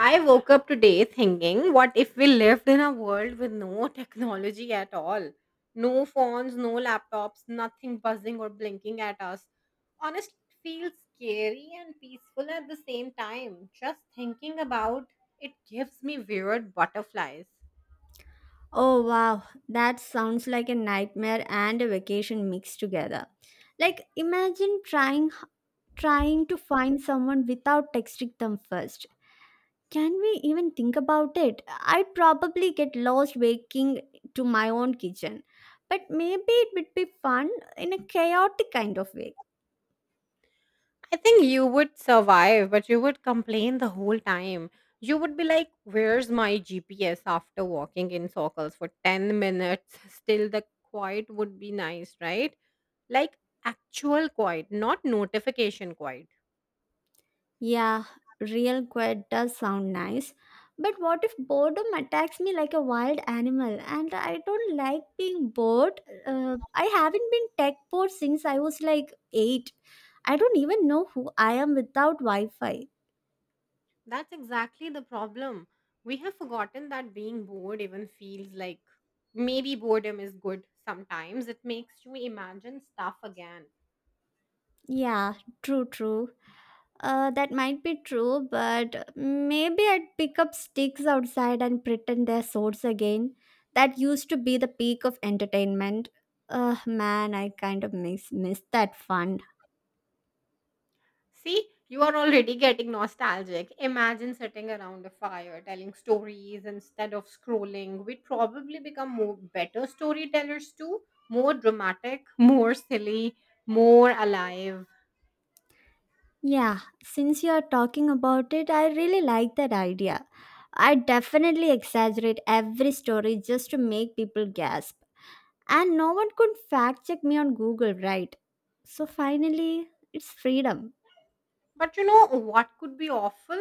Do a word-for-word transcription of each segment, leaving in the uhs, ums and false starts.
I woke up today thinking, what if we lived in a world with no technology at all? No phones, no laptops, nothing buzzing or blinking at us. Honestly, it feels scary and peaceful at the same time. Just thinking about it gives me weird butterflies. Oh wow, that sounds like a nightmare and a vacation mixed together. Like imagine trying trying to find someone without texting them first. Can we even think about it? I'd probably get lost waking to my own kitchen. But maybe it would be fun in a chaotic kind of way. I think you would survive, but you would complain the whole time. You would be like, where's my G P S after walking in circles for ten minutes? Still, the quiet would be nice, right? Like actual quiet, not notification quiet. Yeah, real quiet does sound nice. But what if boredom attacks me like a wild animal and I don't like being bored? Uh, I haven't been tech bored since I was like eight. I don't even know who I am without Wi Fi. That's exactly the problem. We have forgotten that being bored even feels like. Maybe boredom is good sometimes. It makes you imagine stuff again. Yeah, true, true. Uh, that might be true, but maybe I'd pick up sticks outside and pretend they're swords again. That used to be the peak of entertainment. Uh, man, I kind of miss miss that fun. See, you are already getting nostalgic. Imagine sitting around a fire telling stories instead of scrolling. We'd probably become more better storytellers too, more dramatic, more silly, more alive. Yeah, since you are talking about it, I really like that idea. I definitely exaggerate every story just to make people gasp. And no one could fact check me on Google, right? So finally, it's freedom. But you know what could be awful?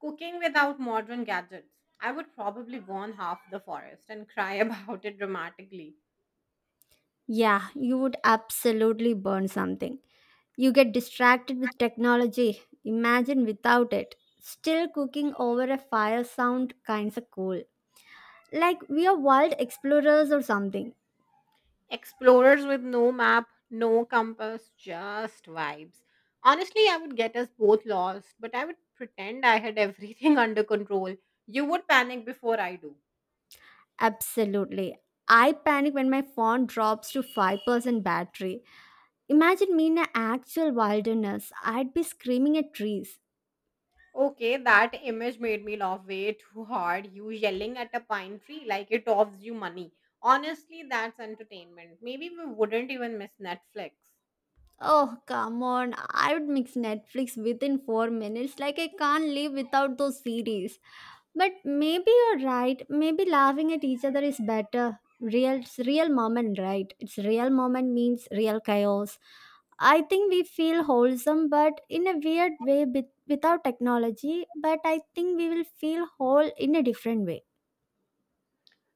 Cooking without modern gadgets. I would probably burn half the forest and cry about it dramatically. Yeah, you would absolutely burn something. You get distracted with technology. Imagine without it. Still cooking over a fire sound kinda cool. Like we are wild explorers or something. Explorers with no map, no compass, just vibes. Honestly, I would get us both lost, but I would pretend I had everything under control. You would panic before I do. Absolutely. I panic when my phone drops to five percent battery. Imagine me in an actual wilderness. I'd be screaming at trees. Okay, that image made me laugh way too hard. You yelling at a pine tree like it offers you money. Honestly, that's entertainment. Maybe we wouldn't even miss Netflix. Oh, come on. I would mix Netflix within four minutes. Like, I can't live without those series. But maybe you're right. Maybe laughing at each other is better. Real, it's real moment, right? It's real moment means real chaos. I think we feel wholesome, but in a weird way with, without technology. But I think we will feel whole in a different way.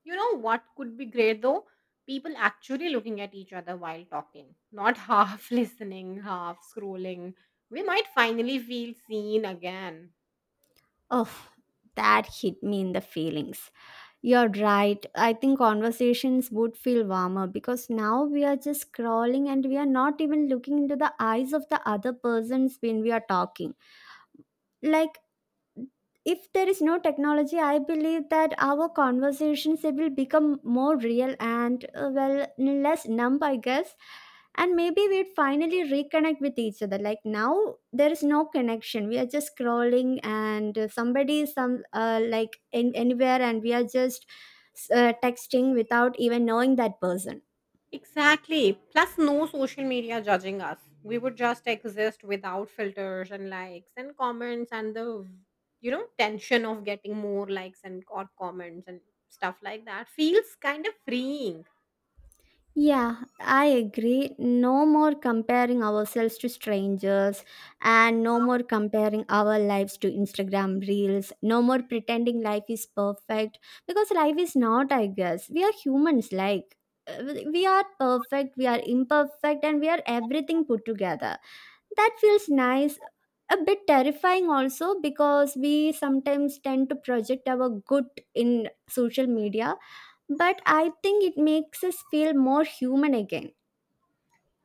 You know what could be great though? People actually looking at each other while talking, not half listening, half scrolling. We might finally feel seen again. Oh, that hit me in the feelings. You're right. I think conversations would feel warmer because now we are just scrolling and we are not even looking into the eyes of the other persons when we are talking. Like if there is no technology, I believe that our conversations they will become more real and, uh, well, less numb, I guess. And maybe we'd finally reconnect with each other. Like now there is no connection, we are just scrolling and, uh, somebody is some, uh, like in, anywhere, and we are just uh, texting without even knowing that person. Exactly. Plus, no social media judging us. We would just exist without filters and likes and comments and the, you know, tension of getting more likes and odd comments and stuff like that feels kind of freeing. Yeah, I agree. No more comparing ourselves to strangers and no more comparing our lives to Instagram reels. No more pretending life is perfect because life is not, I guess. We are humans, like, uh, we are perfect, we are imperfect, and we are everything put together. That feels nice. A bit terrifying also because we sometimes tend to project our good in social media, but I think it makes us feel more human again.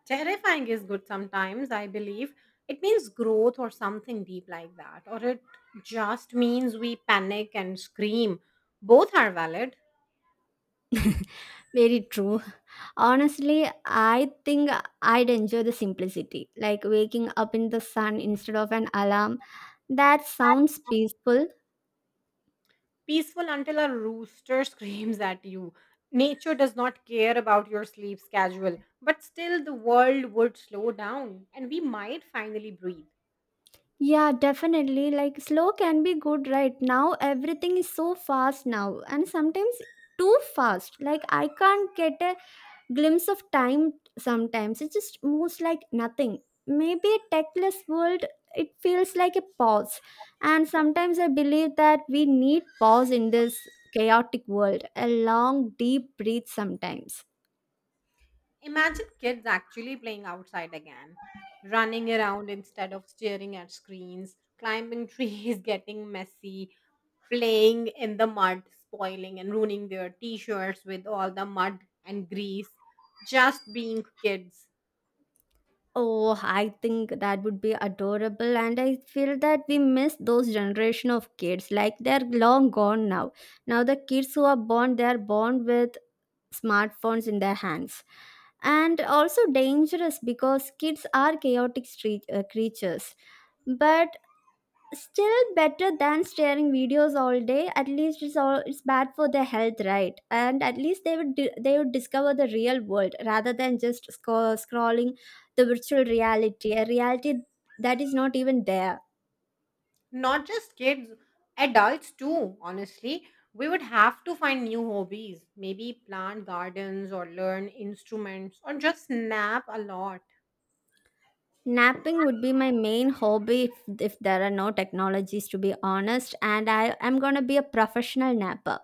Terrifying is good sometimes, I believe. It means growth or something deep like that, or it just means we panic and scream. Both are valid. Very true. Honestly, I think I'd enjoy the simplicity, like waking up in the sun instead of an alarm. That sounds peaceful. Peaceful until a rooster screams at you. Nature does not care about your sleep schedule, but still the world would slow down and we might finally breathe. Yeah, definitely. Like slow can be good, right? Now everything is so fast now, and sometimes too fast. Like I can't get a glimpse of time, sometimes it just moves like nothing. Maybe a techless world, it feels like a pause. And sometimes I believe that we need pause in this chaotic world, a long deep breath sometimes. Imagine kids actually playing outside again, running around instead of staring at screens, climbing trees, getting messy, playing in the mud, spoiling and ruining their t shirts with all the mud and grease, just being kids. Oh, I think that would be adorable, and I feel that we miss those generation of kids. Like they're long gone now. Now the kids who are born, they are born with smartphones in their hands. And also dangerous because kids are chaotic street, uh, creatures. But still better than staring videos all day. At least it's all, it's bad for their health, right? And at least they would di- they would discover the real world rather than just sco- scrolling the virtual reality, a reality that is not even there. Not just kids, adults too, honestly. We would have to find new hobbies, maybe plant gardens or learn instruments or just nap a lot. Napping would be my main hobby if, if there are no technologies, to be honest. And I am going to be a professional napper.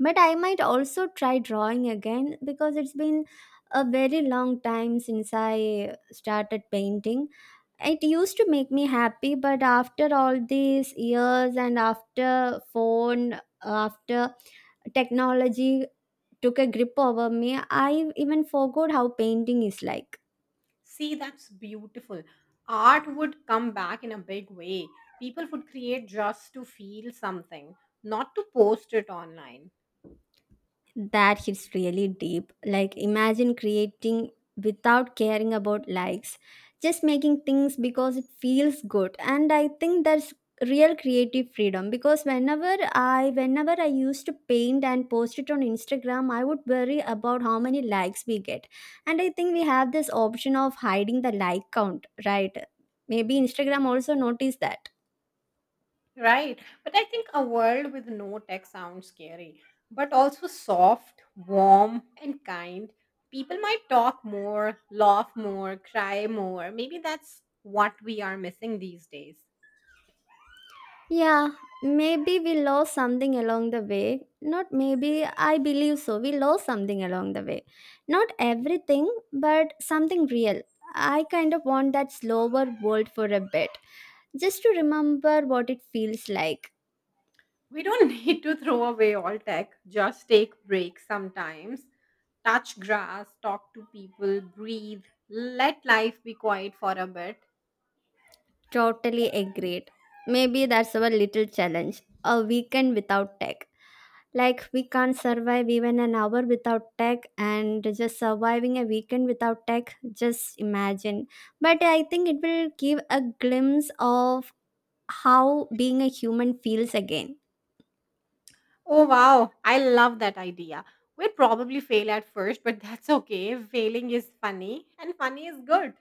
But I might also try drawing again because it's been a very long time since I started painting. It used to make me happy, but after all these years, and after phone, after technology took a grip over me, I even forgot how painting is like. See, that's beautiful. Art would come back in a big way. People would create just to feel something, not to post it online. That hits really deep. Like, imagine creating without caring about likes, just making things because it feels good. And I think that's real creative freedom, because whenever I, whenever I used to paint and post it on Instagram, I would worry about how many likes we get. And I think we have this option of hiding the like count, right? Maybe Instagram also noticed that. Right. But I think a world with no tech sounds scary, but also soft, warm, and kind. People might talk more, laugh more, cry more. Maybe that's what we are missing these days. Yeah, maybe we lost something along the way. Not maybe, I believe so. We lost something along the way. Not everything, but something real. I kind of want that slower world for a bit, just to remember what it feels like. We don't need to throw away all tech, just take breaks sometimes. Touch grass, talk to people, breathe, let life be quiet for a bit. Totally agreed. Maybe that's our little challenge, a weekend without tech. Like we can't survive even an hour without tech, and just surviving a weekend without tech, just imagine. But I think it will give a glimpse of how being a human feels again. Oh, wow. I love that idea. We'd probably fail at first, but that's okay. Failing is funny, and funny is good.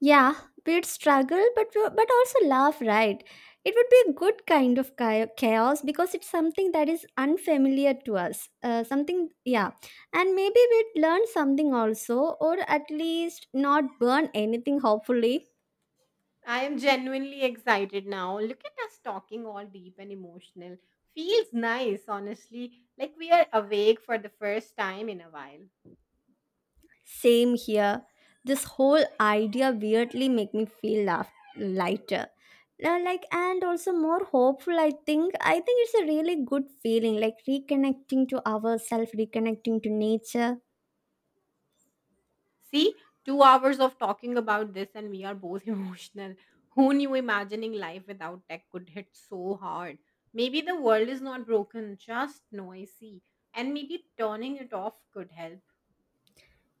Yeah, we'd struggle but but also laugh, right? It would be a good kind of chao- chaos because it's something that is unfamiliar to us. Uh, something, yeah. And maybe we'd learn something also, or at least not burn anything, hopefully. I am genuinely excited now. Look at us talking all deep and emotional. Feels nice, honestly. Like we are awake for the first time in a while. Same here. This whole idea weirdly make me feel laugh- lighter now. Like, and also more hopeful. i think I think it's a really good feeling, like reconnecting to ourselves, reconnecting to nature. See, two hours of talking about this, and we are both emotional. Who knew imagining life without tech could hit so hard? Maybe the world is not broken, just noisy. And maybe turning it off could help.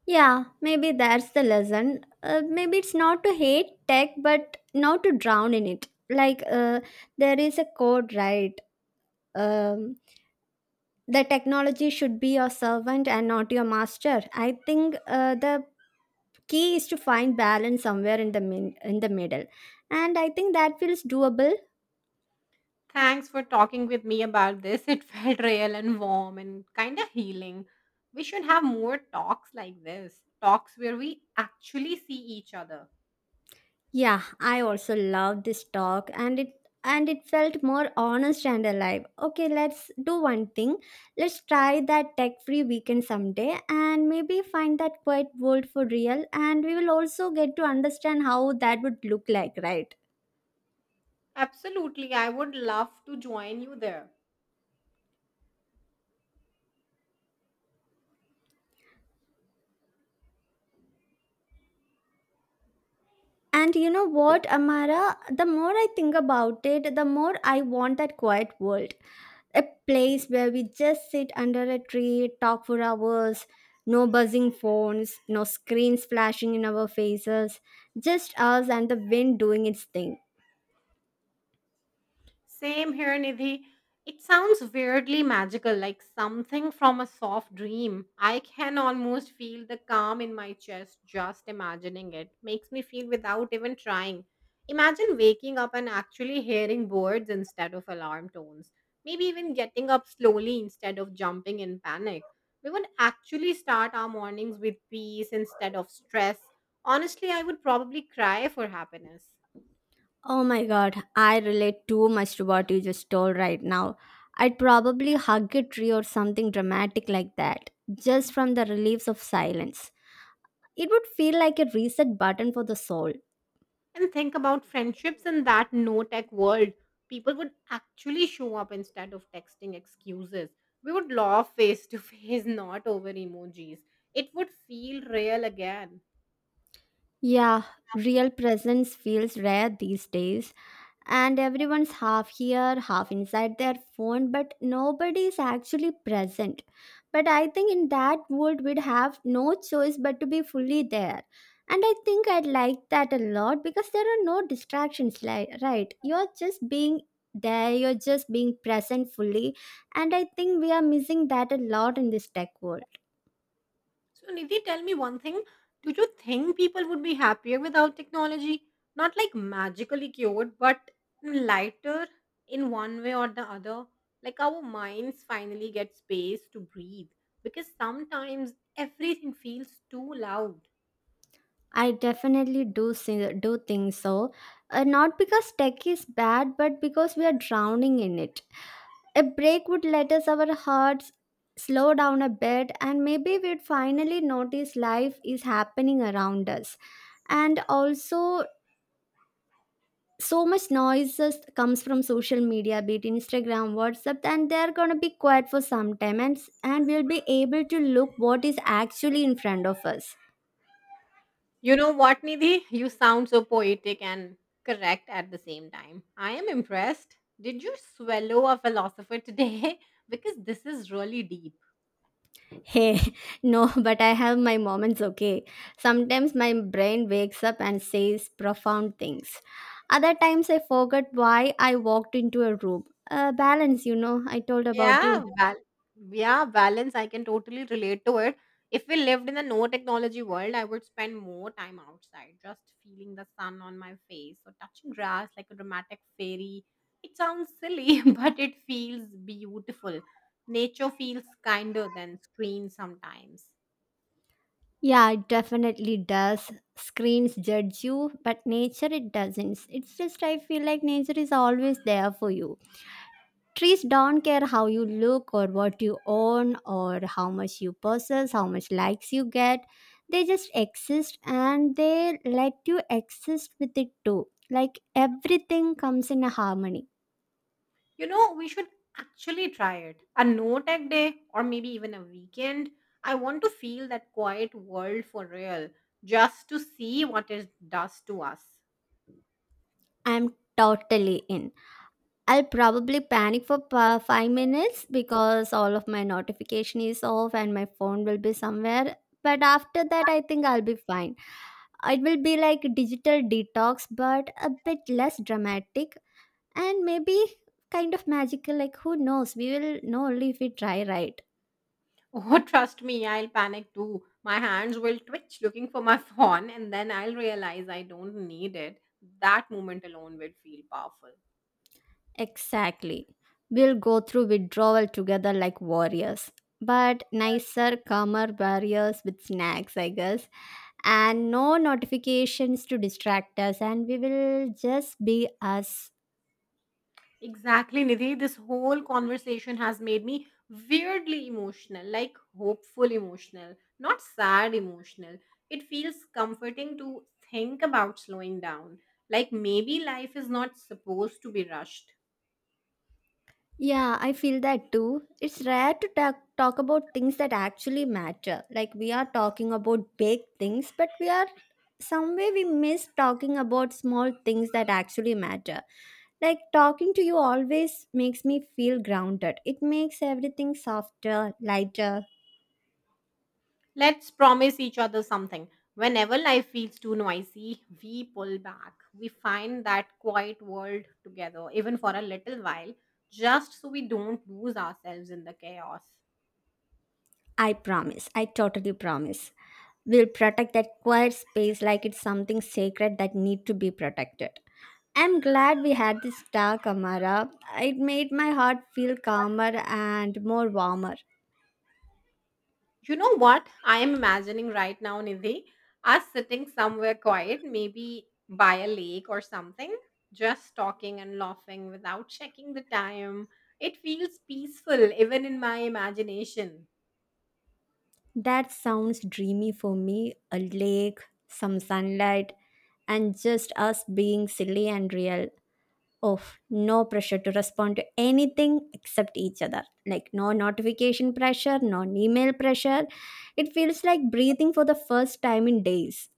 Yeah, maybe that's the lesson. Uh, maybe it's not to hate tech, but not to drown in it. Like, uh, there is a code, right? um, the technology should be your servant and not your master, I think. Uh, the key is to find balance somewhere in the min- in the middle. And I think that feels doable. Thanks for talking with me about this. It felt real and warm and kind of healing. We should have more talks like this, talks where we actually see each other. Yeah, I also love this talk, and it and it felt more honest and alive. Okay, let's do one thing. Let's try that tech free weekend someday and maybe find that quiet world for real. And we will also get to understand how that would look like, right? Absolutely. I would love to join you there. And you know what, Amara? The more I think about it, the more I want that quiet world. A place where we just sit under a tree, talk for hours, no buzzing phones, no screens flashing in our faces, just us and the wind doing its thing. Same here, Nidhi. It sounds weirdly magical, like something from a soft dream. I can almost feel the calm in my chest just imagining it. Makes me feel without even trying. Imagine waking up and actually hearing birds instead of alarm tones. Maybe even getting up slowly instead of jumping in panic. We would actually start our mornings with peace instead of stress. Honestly, I would probably cry for happiness. Oh my god, I relate too much to what you just told right now. I'd probably hug a tree or something dramatic like that, just from the reliefs of silence. It would feel like a reset button for the soul. And think about friendships in that no tech world. People would actually show up instead of texting excuses. We would laugh face to face, not over emojis. It would feel real again. Yeah, real presence feels rare these days, and everyone's half here, half inside their phone, but nobody is actually present. But I think in that world, we'd have no choice but to be fully there. And I think I'd like that a lot because there are no distractions, like, right? You're just being there, you're just being present fully. And I think we are missing that a lot in this tech world. So, Nidhi, tell me one thing. Do you think people would be happier without technology? Not like magically cured, but lighter in one way or the other. Like our minds finally get space to breathe, because sometimes everything feels too loud. I definitely do see, do think so. Uh, not because tech is bad, but because we are drowning in it. A break would let us, our hearts slow down a bit, and maybe we'd finally notice life is happening around us. And also, so much noises comes from social media, be it Instagram, WhatsApp, and they're gonna be quiet for some time, and and we'll be able to look what is actually in front of us. You know what, Nidhi? You sound so poetic and correct at the same time. I am impressed. Did you swallow a philosopher today? Because this is really deep. Hey, no, but I have my moments, okay? Sometimes my brain wakes up and says profound things. Other times I forget why I walked into a room. Uh, balance, you know, I told about you. Yeah, bal- yeah, balance. I can totally relate to it. If we lived in a no technology world, I would spend more time outside, just feeling the sun on my face or touching grass like a dramatic fairy. It sounds silly, but it feels beautiful. Nature feels kinder than screens sometimes. Yeah, it definitely does. Screens judge you, but nature it doesn't. It's just I feel like nature is always there for you. Trees don't care how you look or what you own or how much you possess, how much likes you get. They just exist and they let you exist with it too. Like everything comes in a harmony. You know, we should actually try it. A no tech day or maybe even a weekend. I want to feel that quiet world for real, just to see what it does to us. I'm totally in. I'll probably panic for pa- five minutes because all of my notification is off and my phone will be somewhere. But after that, I think I'll be fine. It will be like digital detox, but a bit less dramatic, and maybe kind of magical. Like who knows, we will know only if we try, right? Oh, trust me, I'll panic too. My hands will twitch looking for my phone, and then I'll realize I don't need it. That moment alone will feel powerful. Exactly, we'll go through withdrawal together like warriors, but nicer, calmer warriors with snacks, I guess. And no notifications to distract us, and we will just be us. Exactly, Nidhi. This whole conversation has made me weirdly emotional, like hopeful emotional, not sad emotional. It feels comforting to think about slowing down, like maybe life is not supposed to be rushed. Yeah, I feel that too. It's rare to talk, talk about things that actually matter. Like we are talking about big things, but we are somewhere we miss talking about small things that actually matter. Like talking to you always makes me feel grounded. It makes everything softer, lighter. Let's promise each other something. Whenever life feels too noisy, we pull back. We find that quiet world together, even for a little while, just so we don't lose ourselves in the chaos. I promise. I totally promise. We'll protect that quiet space like it's something sacred that need to be protected. I'm glad we had this talk, Amara. It made my heart feel calmer and more warmer. You know what I am imagining right now, Nidhi? Us sitting somewhere quiet, maybe by a lake or something, just talking and laughing without checking the time. It feels peaceful, even in my imagination. That sounds dreamy for me, a lake, some sunlight, and just us being silly and real. Oh, no pressure to respond to anything except each other. Like, no notification pressure, no email pressure. It feels like breathing for the first time in days.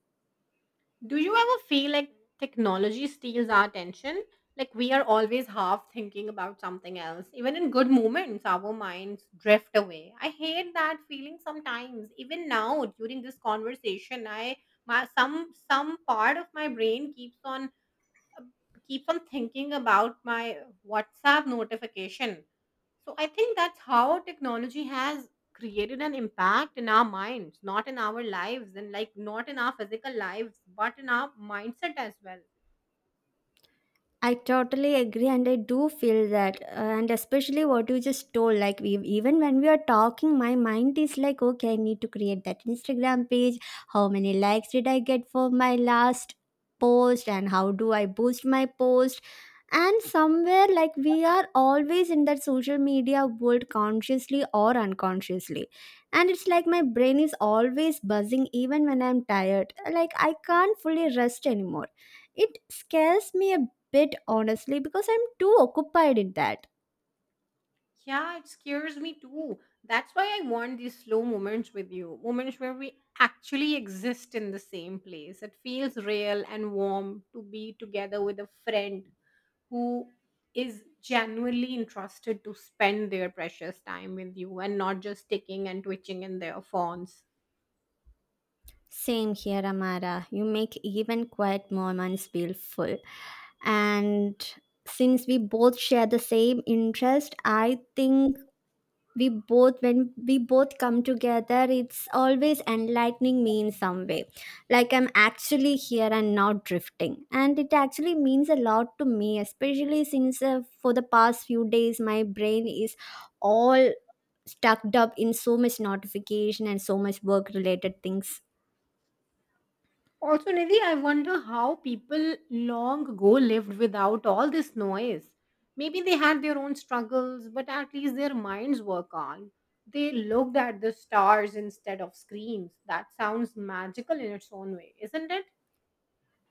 Do you ever feel like technology steals our attention? Like we are always half thinking about something else. Even in good moments, our minds drift away. I hate that feeling sometimes. Even now, during this conversation, I my some some part of my brain keeps on keep on thinking about my WhatsApp notification. So I think that's how technology has created an impact in our minds, not in our lives and like not in our physical lives, but in our mindset as well. I totally agree, and I do feel that, uh, and especially what you just told. Like, we, even when we are talking, my mind is like, okay, I need to create that Instagram page. How many likes did I get for my last post, and how do I boost my post? And somewhere, like, we are always in that social media world consciously or unconsciously. And it's like my brain is always buzzing, even when I'm tired. Like, I can't fully rest anymore. It scares me a bit, honestly, because I'm too occupied in that. Yeah, it scares me too. That's why I want these slow moments with you, moments where we actually exist in the same place. It feels real and warm to be together with a friend who is genuinely interested to spend their precious time with you and not just ticking and twitching in their phones. Same here, Amara. You make even quiet moments feel full. And since we both share the same interest, I think we both when we both come together, it's always enlightening me in some way. Like, I'm actually here and not drifting, and it actually means a lot to me, especially since, uh, for the past few days my brain is all stuck up in so much notification and so much work related things. Also, Nidhi, I wonder how people long ago lived without all this noise. Maybe they had their own struggles, but at least their minds were calm. They looked at the stars instead of screens. That sounds magical in its own way, isn't it?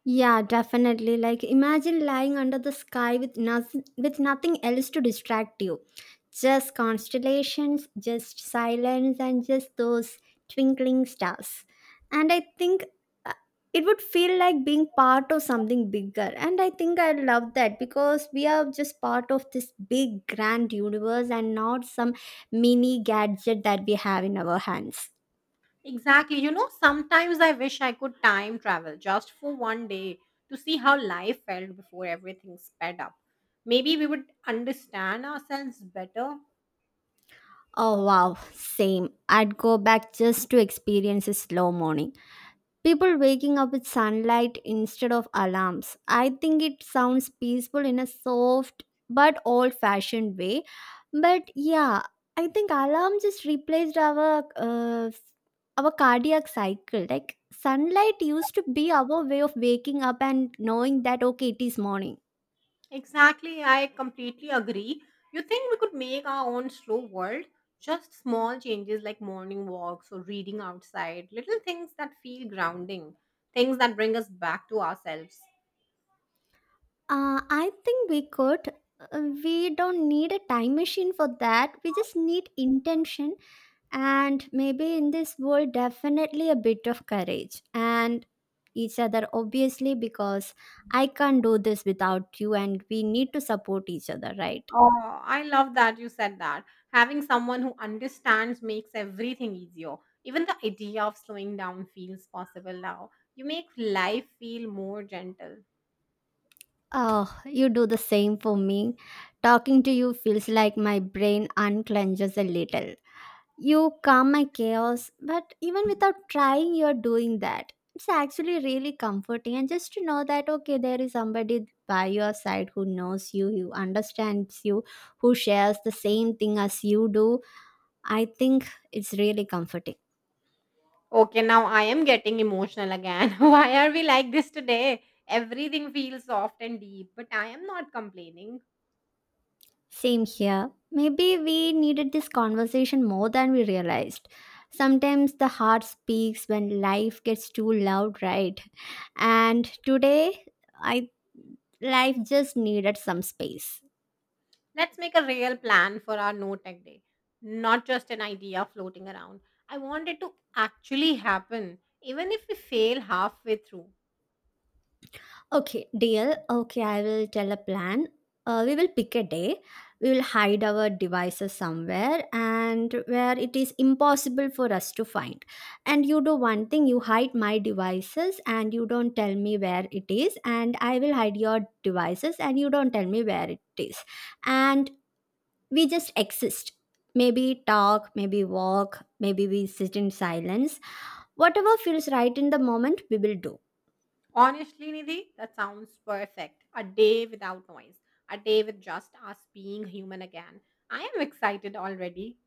Yeah, definitely. Like, imagine lying under the sky with nothing with nothing else to distract you, just constellations, just silence, and just those twinkling stars. And I think, uh, it would feel like being part of something bigger. And I think I love that, because we are just part of this big grand universe and not some mini gadget that we have in our hands. Exactly. You know, sometimes I wish I could time travel just for one day to see how life felt before everything sped up. Maybe we would understand ourselves better. Oh wow, same. I'd go back just to experience a slow morning. People waking up with sunlight instead of alarms. I think it sounds peaceful in a soft but old fashioned way. But yeah, I think alarm just replaced our uh, our cardiac cycle. Like, sunlight used to be our way of waking up and knowing that okay, it is morning. Exactly. I completely agree. You think we could make our own slow world? Just small changes like morning walks or reading outside, little things that feel grounding, things that bring us back to ourselves. Uh, I think we could. Uh, We don't need a time machine for that. We just need intention, and maybe in this world, definitely a bit of courage, and each other, obviously, because I can't do this without you, and we need to support each other, right? Oh, I love that you said that. Having someone who understands makes everything easier. Even the idea of slowing down feels possible now. You make life feel more gentle. Oh, you do the same for me. Talking to you feels like my brain unclenches a little. You calm my chaos, but even without trying, you're doing that. It's actually really comforting, and just to know that okay, there is somebody by your side who knows you, who understands you, who shares the same thing as you do. I think it's really comforting. Okay, now I am getting emotional again. Why are we like this today? Everything feels soft and deep, but I am not complaining. Same here. Maybe we needed this conversation more than we realized. Sometimes the heart speaks when life gets too loud, right? And today, I life just needed some space. Let's make a real plan for our no tech day, not just an idea floating around. I want it to actually happen, even if we fail halfway through. Okay, deal. Okay, I will tell a plan. Uh, we will pick a day. We will hide our devices somewhere and where it is impossible for us to find. And you do one thing, you hide my devices and you don't tell me where it is. And I will hide your devices and you don't tell me where it is. And we just exist. Maybe talk, maybe walk, maybe we sit in silence. Whatever feels right in the moment, we will do. Honestly, Nidhi, that sounds perfect. A day without noise, a day with just us being human again. I am excited already.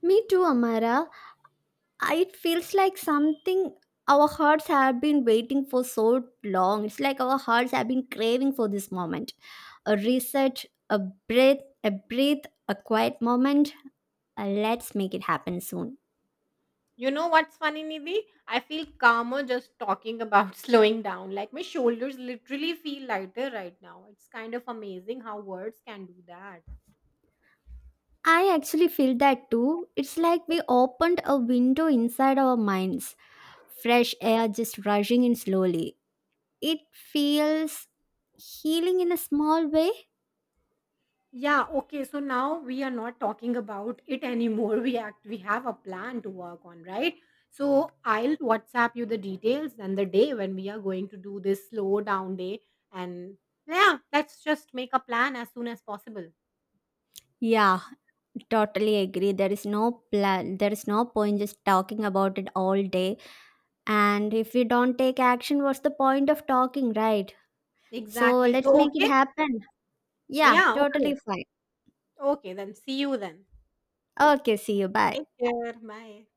Me too, Amara. It feels like something our hearts have been waiting for so long. It's like our hearts have been craving for this moment. A reset, a breath, a breathe, a quiet moment. Uh, let's make it happen soon. You know what's funny, Nidhi? I feel calmer just talking about slowing down. Like my shoulders literally feel lighter right now. It's kind of amazing how words can do that. I actually feel that too. It's like we opened a window inside our minds, fresh air just rushing in slowly. It feels healing in a small way. Yeah, okay. So now we are not talking about it anymore. We act we have a plan to work on, right? So I'll WhatsApp you the details and the day when we are going to do this slow down day. And yeah, let's just make a plan as soon as possible. Yeah, totally agree. There is no plan, there is no point just talking about it all day, and if we don't take action, what's the point of talking, right? So Exactly. let's So make it okay. happen. Yeah, Yeah, totally okay. fine. Okay, then see you then. Okay, see you, bye. Take care. Bye.